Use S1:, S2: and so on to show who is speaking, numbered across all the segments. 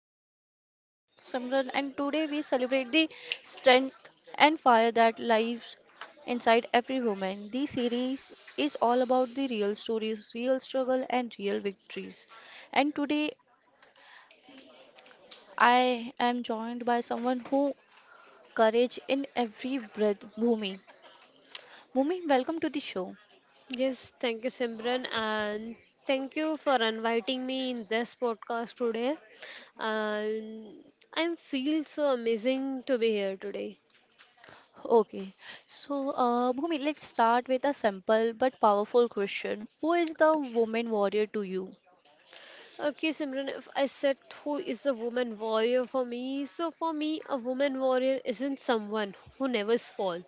S1: Warrior series. I am your host Simran, and today we celebrate the strength and fire that lives inside every woman. The series is all about the real stories, real struggle, and real victories. And today I am joined by someone who courage in every breath, Bhumi. Bhumi, welcome to the show.
S2: Yes, thank you, Simran, and thank you for inviting me in this podcast today. And I feel so amazing to be here today.
S1: Okay, so Bhumi, let's start with a simple but powerful question. Who is the woman warrior to you?
S2: Okay, Simran, if I said who is a woman warrior for me, so for me, a woman warrior isn't someone who never falls.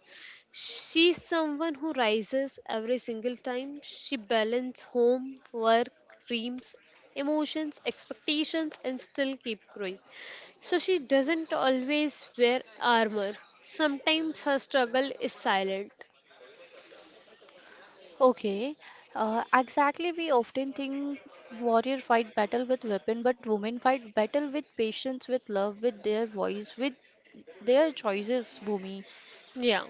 S2: She's someone who rises every single time. She balances home, work, dreams, emotions, expectations, and still keep growing. So she doesn't always wear armor. Sometimes her struggle is silent.
S1: Okay, exactly. We often think warrior fight battle with weapon, but women fight battle with patience, with love, with their voice, with their choices, Bhumi.
S2: Yeah,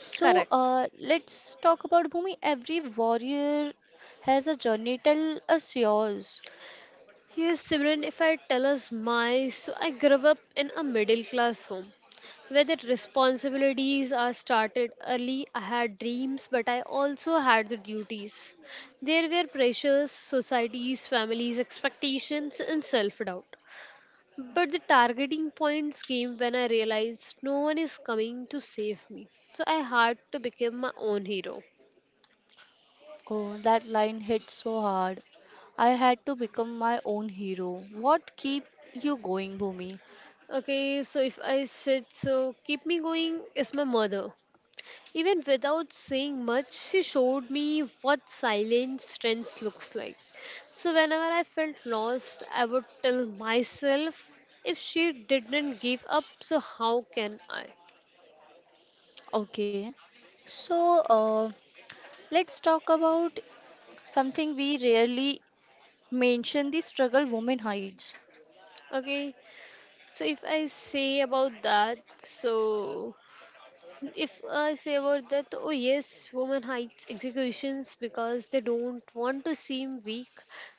S1: So
S2: correct.
S1: let's talk about Bhumi. Every warrior has a journey. Tell us yours.
S2: Here's Simran, if I tell us my, so I grew up in a middle class home where the responsibilities are started early. I had dreams, but I also had the duties. There were pressures, societies, families, expectations, and self doubt. But the targeting points came when I realized no one is coming to save me. So I had to become my own hero.
S1: Oh, that line hit so hard. I had to become my own hero. What keep you going, Bhumi?
S2: Okay, so if I said so, keep me going is my mother. Even without saying much, she showed me what silent strength looks like. So whenever I felt lost, I would tell myself, if she didn't give up, so how can I?
S1: Okay. So, let's talk about something we rarely mention the struggle women hides.
S2: Okay, so if I say about that, oh yes, women hides executions because they don't want to seem weak.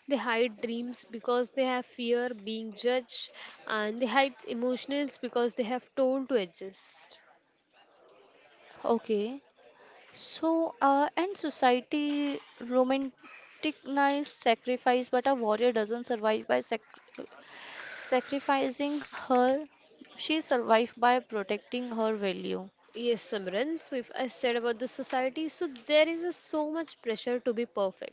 S2: They hide dreams because they have fear being judged, and they hide emotions because they have torn to adjust.
S1: Okay. So, and society romanticizes sacrifice, but a warrior doesn't survive by sacrificing her. She survives by protecting her value.
S2: Yes, Simran. So if I said about the society, so there is a so much pressure to be perfect.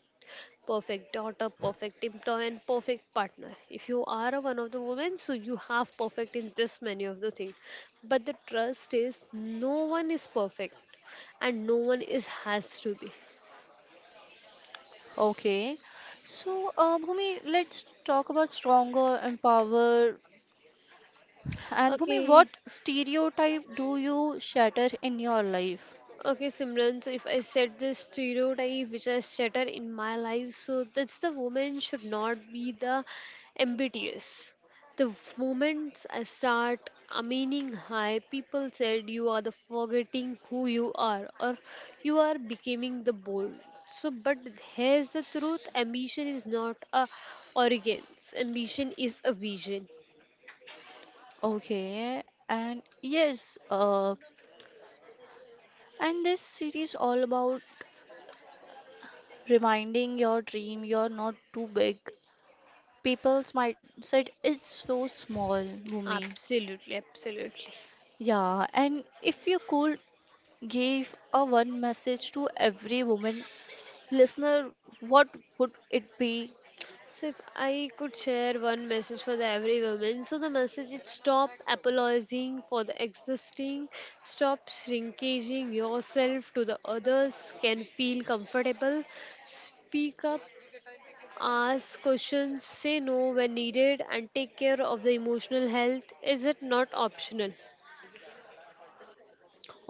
S2: Perfect daughter, perfect employee, and perfect partner. If you are a one of the women, so you have perfect in this many of the things. But the trust is no one is perfect and no one is has to be.
S1: Okay. So, Bhumi, let's talk about stronger and power. And Bhumi,
S2: Okay.
S1: what stereotype do you shatter in your life?
S2: Okay, Simran, so if I said this stereotype which I shatter in my life, so that's the woman should not be the ambitious. The moment I start meaning hi, people said you are the forgetting who you are or you are becoming the bold. So, but here's the truth ambition is not a arrogance, ambition is a vision.
S1: Okay. And yes, and this series all about reminding your dream you're not too big. People's mindset is so small, Bhumi.
S2: Absolutely, absolutely.
S1: Yeah, and if you could give a one message to every woman listener, what would it be?
S2: So if I could share one message for the every woman, so the message is stop apologizing for the existing, stop shrinking yourself to the others, can feel comfortable, speak up, ask questions, say no when needed, and take care of the emotional health. Is it not optional?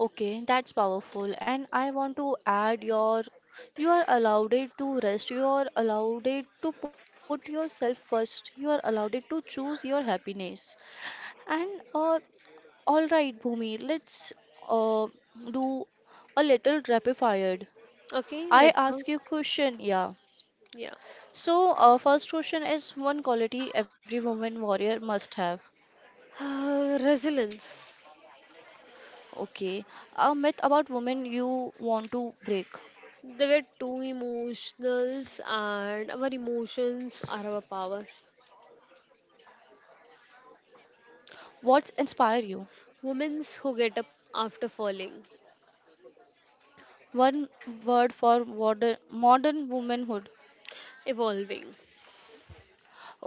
S1: Okay, that's powerful. And I want to add your you are allowed it to rest, you are allowed it to put yourself first, you are allowed it to choose your happiness. And uh, all right, Bhumi, let's uh, do a little rapid fire.
S2: Okay,
S1: I
S2: let's go.
S1: ask you question, yeah.
S2: Yeah.
S1: So first question is one quality every woman warrior must have.
S2: Resilience.
S1: Okay, a myth about women you want to break.
S2: There were two emotionals, and our emotions are our power.
S1: What's inspire you?
S2: Women who get up after falling,
S1: One word for modern womanhood.
S2: evolving.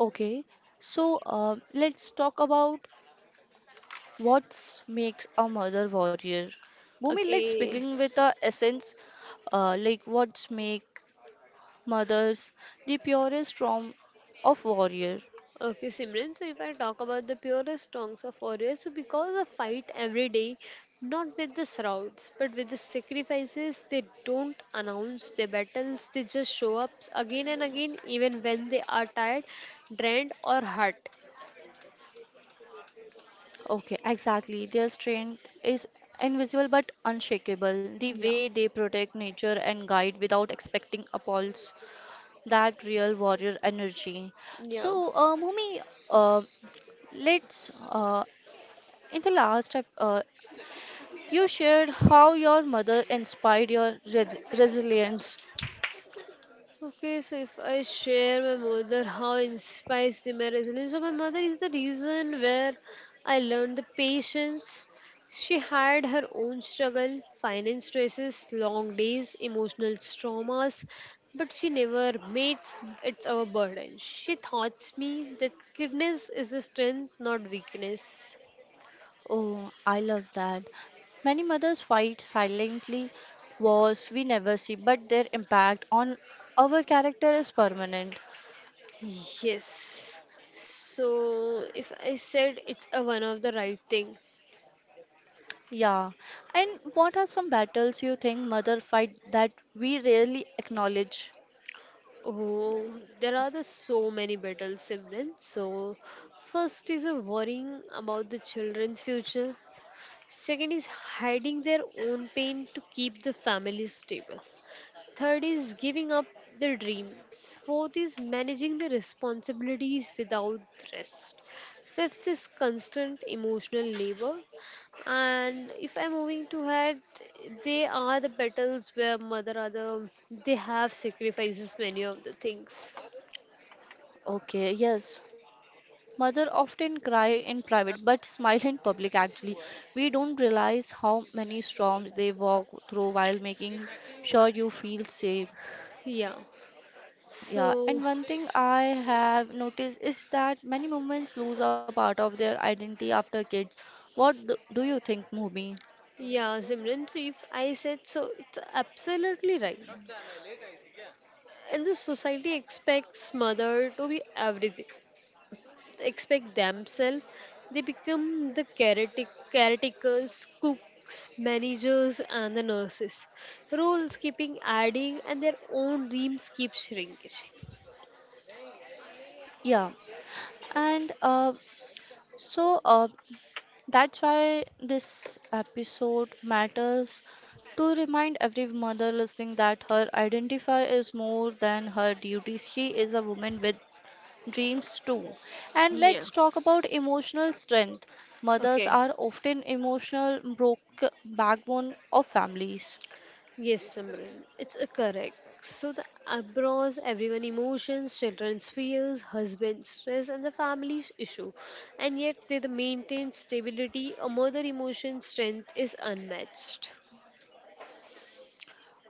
S1: Okay, so let's talk about what makes a mother warrior. Bhumi, let's
S2: Okay,
S1: begin with the essence, like what's make mothers the purest form of warrior.
S2: okay, Simran. So if I talk about the purest songs of warriors, so because of fight every day, not with the shrouds, but with the sacrifices, they don't announce their battles. They just show up again and again, even when they are tired, drained, or hurt.
S1: Okay, exactly. Their strength is invisible but unshakable. The
S2: Yeah,
S1: way they protect nature and guide without expecting applause that real warrior energy.
S2: yeah.
S1: So, Mumi, uh, let's in the last you shared how your mother inspired your resilience.
S2: Okay, so if I share my mother how inspires the my resilience, so my mother is the reason where I learned the patience. She had her own struggle, finance stresses, long days, emotional traumas, but she never made it our burden. She taught me that kindness is a strength, not weakness.
S1: Oh, I love that. Many mothers fight silently wars we never see, but their impact on our character is permanent.
S2: Yes. So if I said it's a one of the right thing.
S1: Yeah. And what are some battles you think mother fight that we rarely acknowledge?
S2: Oh, there are the so many battles, siblings. So, first is a worrying about the children's future. Second is hiding their own pain to keep the family stable. Third is giving up their dreams. Fourth is managing the responsibilities without rest. Fifth is constant emotional labor. And if I'm moving to head, they are the battles where mother are they have sacrifices many of the things.
S1: Okay, yes. Mother often cry in private but smile in public actually. We don't realize how many storms they walk through while making sure you feel safe.
S2: Yeah.
S1: Yeah,
S2: So,
S1: and one thing I have noticed is that many moments lose a part of their identity after kids. What do you think, Movie?
S2: yeah, Simran, so if I said so, it's absolutely right. And the society expects mother to be everything. They expect themselves. They become the caretakers, cooks, managers, and the nurses. Roles keeping adding, and their own dreams keep shrinking.
S1: Yeah, and so that's why this episode matters to remind every mother listening that her identity is more than her duty. She is a woman with dreams too. And
S2: Yeah.
S1: let's talk about emotional strength. Mothers
S2: Okay.
S1: are often emotional broke backbone of families.
S2: Yes, Simran, it's a correct. So the abroad, everyone emotions, children's fears, husband stress, and the family's issue, and yet they the maintain stability. A mother emotion strength is unmatched.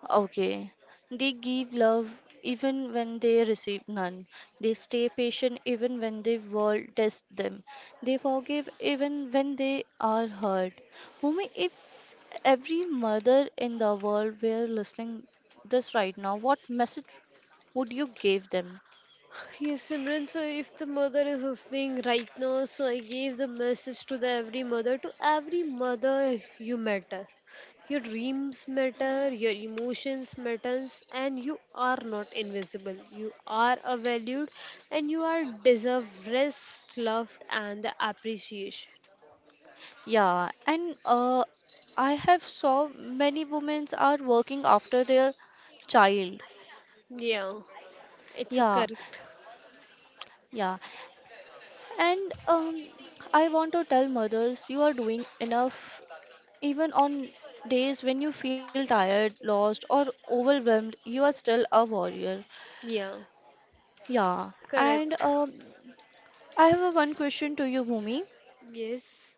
S1: Okay. They give love even when they receive none. They stay patient even when the world tests them. They forgive even when they are hurt. Mummy, if every mother in the world were listening this right now, what message would you give them?
S2: Yes, Simran. So if the mother is listening right now, so I gave the message to the every mother, to every mother you matter. Your dreams matter, your emotions matters, and you are not invisible. You are a valued and you are deserve rest, love and the appreciation.
S1: Yeah, and I have saw many women are working after their child.
S2: Yeah, it's a
S1: Yeah,
S2: correct.
S1: yeah. And I want to tell mothers you are doing enough even on days when you feel tired, lost, or overwhelmed, you are still a warrior.
S2: Yeah,
S1: Yeah. And
S2: correct.
S1: I have a one question to you, Bhumi.
S2: Yes.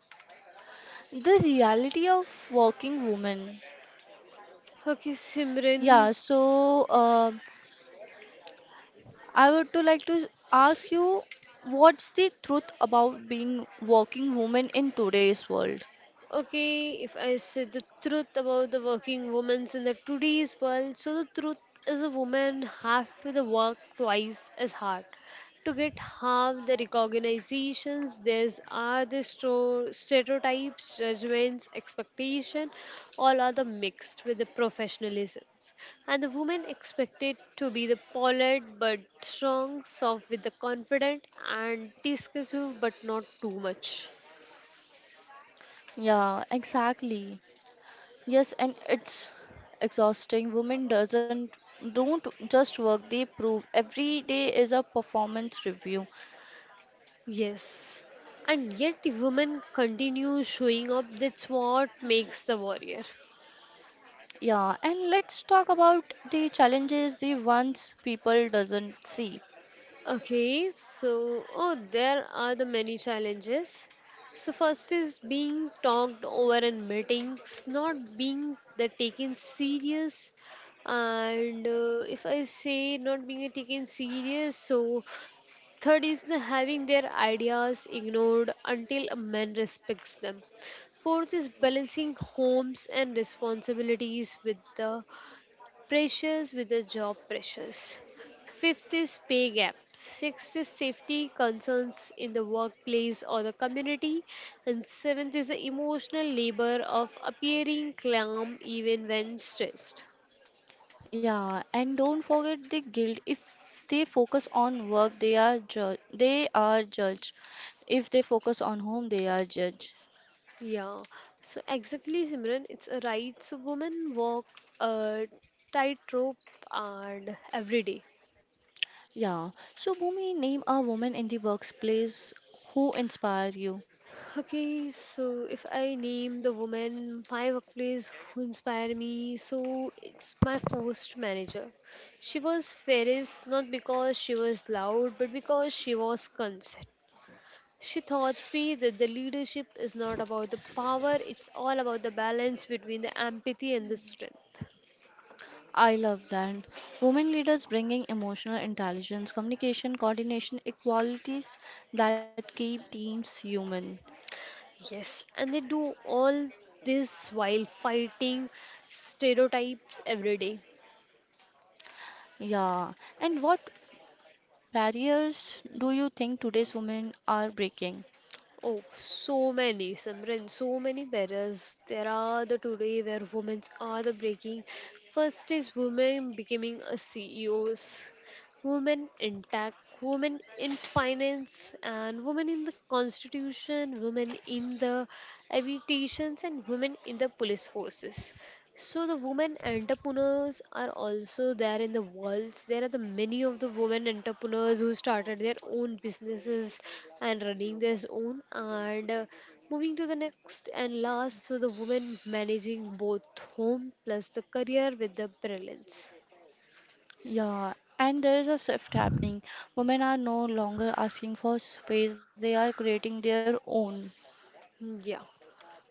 S1: The reality of working woman.
S2: Okay, Simran.
S1: Yeah, so I would to like to ask you what's the truth about being working woman in today's world?
S2: Okay, if I say the truth about the working women in the today's world, so the truth is a woman have to the work twice as hard to get half the recognitions there's are the stereotypes judgments expectation all are the mixed with the professionalisms and the woman expected to be the polite but strong soft with the confident and discussive but not too much.
S1: Yeah, exactly. Yes, and it's exhausting. Women doesn't don't just work, they prove every day is a performance review.
S2: Yes. And yet the women continue showing up. That's what makes the warrior.
S1: Yeah, and let's talk about the challenges the ones people doesn't see.
S2: Okay, so oh there are the many challenges. So first is being talked over in meetings, not being the taken serious and if I say not being taken serious, so third is the having their ideas ignored until a man respects them. Fourth is balancing homes and responsibilities with the job pressures. Fifth is pay gaps. Sixth is safety concerns in the workplace or the community. And seventh is the emotional labor of appearing calm even when stressed.
S1: Yeah, and don't forget the guilt. If they focus on work, they are judged. If they focus on home, they are judged.
S2: Yeah, so exactly, Simran, it's a right. So women walk a tightrope and every day.
S1: Yeah. So, Bhumi, name a woman in the workplace who inspire you.
S2: Okay, so if I name the woman my workplace who inspire me, so it's my first manager. She was fairest not because she was loud, but because she was consistent. She taught me that the leadership is not about the power, it's all about the balance between the empathy and the strength.
S1: I love that. Women leaders bringing emotional intelligence, communication, coordination, equalities that keep teams human.
S2: Yes, and they do all this while fighting stereotypes every day.
S1: Yeah. And what barriers do you think today's women are breaking?
S2: Oh, so many, Simran, so many barriers. There are the today where women are the breaking. First is women becoming a CEOs, women in tech, women in finance, and women in the constitution, women in the aviations, and women in the police forces. So the women entrepreneurs are also there in the world. There are the many of the women entrepreneurs who started their own businesses and running their own. And moving to the next and last, so the women managing both home plus the career with the brilliance.
S1: Yeah. And there is a shift happening. Women are no longer asking for space, they are creating their own.
S2: Yeah,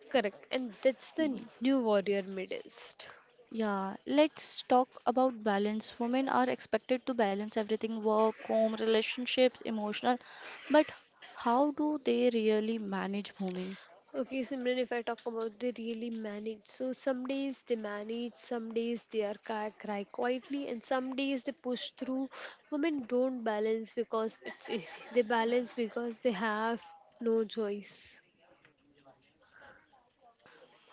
S2: correct. And that's the new warrior medalist.
S1: Yeah, let's talk about balance. Women are expected to balance everything work, home, relationships, emotional. But how do they really manage Bhumi?
S2: Okay, Simran, if I talk about they really manage. So some days they manage, some days they are cry, cry quietly, and some days they push through. Women don't balance because it's easy. They balance because they have no choice.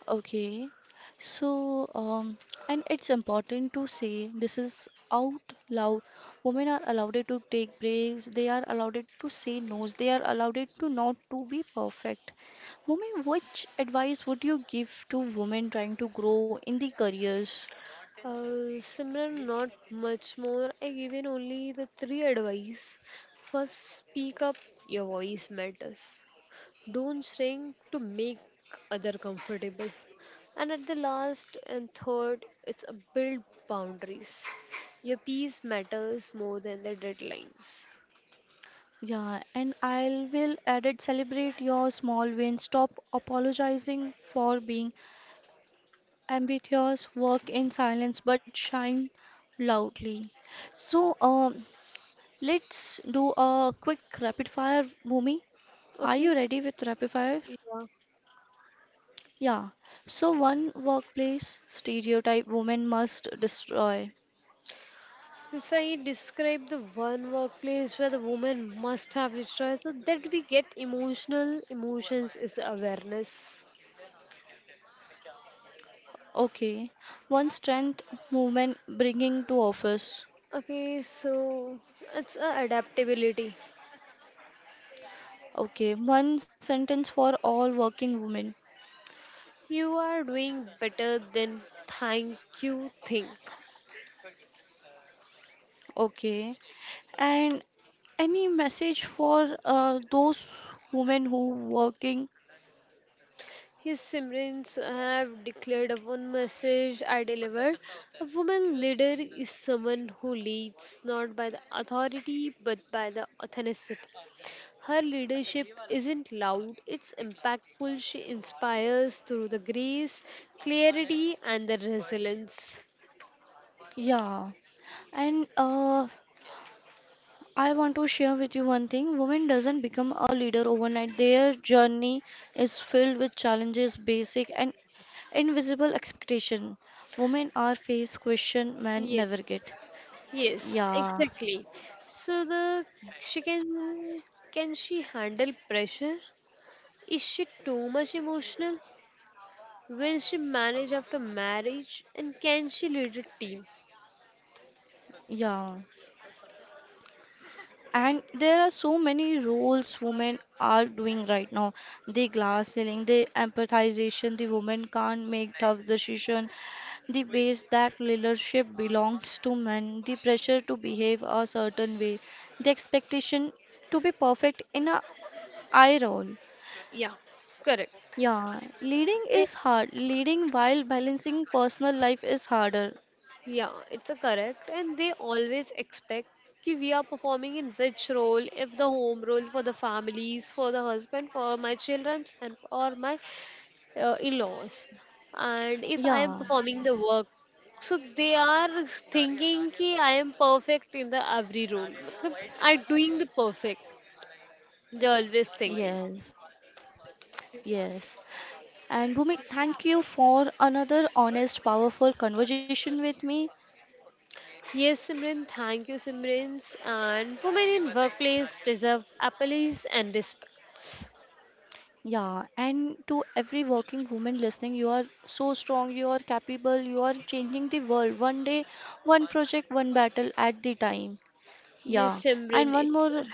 S1: Okay, so, and it's important to say this is out loud. Women are allowed to take breaks, they are allowed to say no's, they are allowed to not to be perfect. Bhumi, which advice would you give to women trying to grow in the careers?
S2: Simran, not much more. I given only the three advice. First, speak up. Your voice matters. Don't shrink to make other comfortable. And at the last and third, it's a build boundaries. Your peace matters more than the deadlines.
S1: Yeah, and I will added celebrate your small wins. Stop apologizing for being ambitious. Work in silence, but shine loudly. So, let's do a quick rapid fire, Bhumi. Are
S2: Okay?
S1: you ready with rapid fire?
S2: Yeah.
S1: Yeah. So, one workplace stereotype women must destroy.
S2: If I describe the one workplace where the woman must have the choice, so that we get emotional emotions is awareness.
S1: Okay. One strength women bringing to office.
S2: Okay, so it's a adaptability.
S1: Okay. One sentence for all working women.
S2: You are doing better than thank you think.
S1: Okay. And any message for those women who working?
S2: His Simrans have declared one message I delivered. A woman leader is someone who leads not by the authority but by the authenticity. Her leadership isn't loud, it's impactful. She inspires through the grace, clarity, and the resilience.
S1: Yeah. And I want to share with you one thing. Women doesn't become a leader overnight. Their journey is filled with challenges, basic and invisible expectation. Women are faced question men
S2: Yes,
S1: never get.
S2: yes,
S1: Yeah.
S2: exactly. So the she can she handle pressure? Is she too much emotional? Will she manage after marriage and can she lead a team?
S1: Yeah. And there are so many roles women are doing right now. The glass ceiling, the empathization, the woman can't make tough decision, the base that leadership belongs to men, the pressure to behave a certain way, the expectation to be perfect in a eye roll.
S2: Yeah, correct.
S1: Yeah, leading
S2: They,
S1: is hard. Leading while balancing personal life is harder.
S2: yeah, it's a correct. And they always expect कि we are performing in which role, if the home role for the families, for the husband, for my children, and for my in-laws. And if I am
S1: Yeah.
S2: performing the work, so they are thinking कि I am perfect in the every role. मतलब, I doing the perfect. They always thinking.
S1: Yes. Yes. And Bhumi, thank you for another honest, powerful conversation with me.
S2: Yes, Simran, thank you, Simran. And women in workplace deserve appellees and respects.
S1: Yeah, and to every working woman listening, you are so strong, you are capable, you are changing the world one day, one project, one battle at the time. Yeah,
S2: Yes, Simran,
S1: and one more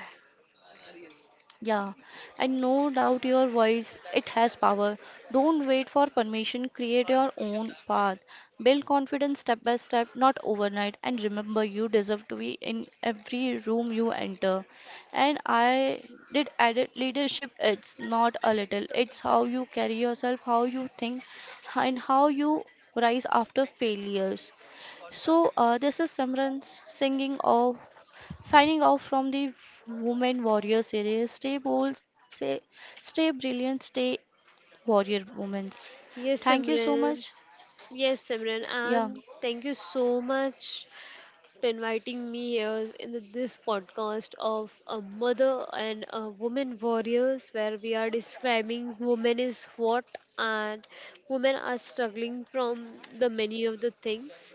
S1: yeah, and no doubt your voice, it has power. Don't wait for permission, create your own path. Build confidence step by step, not overnight. And remember, you deserve to be in every room you enter. And I did added leadership, it's not a little, it's how you carry yourself, how you think, and how you rise after failures. So, this is Simran singing off signing off from the Women Warrior series. Stay bold, stay brilliant, stay warrior women.
S2: yes,
S1: Thank you so much.
S2: Simran,
S1: Yeah,
S2: and thank you so much for inviting me here in this podcast of a mother and a woman warriors, where we are describing women is what and women are struggling from the many of the things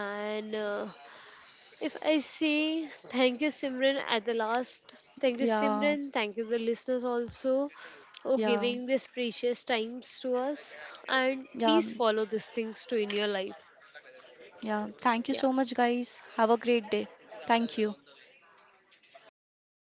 S2: and. If I say thank you, Simran, at the last, thank you,
S1: yeah,
S2: Simran, thank you, the listeners also, for
S1: yeah,
S2: giving this precious times to us. And
S1: yeah,
S2: please follow these things too in your life.
S1: yeah. Thank you
S2: Yeah.
S1: so much, guys. Have a great day. Thank you.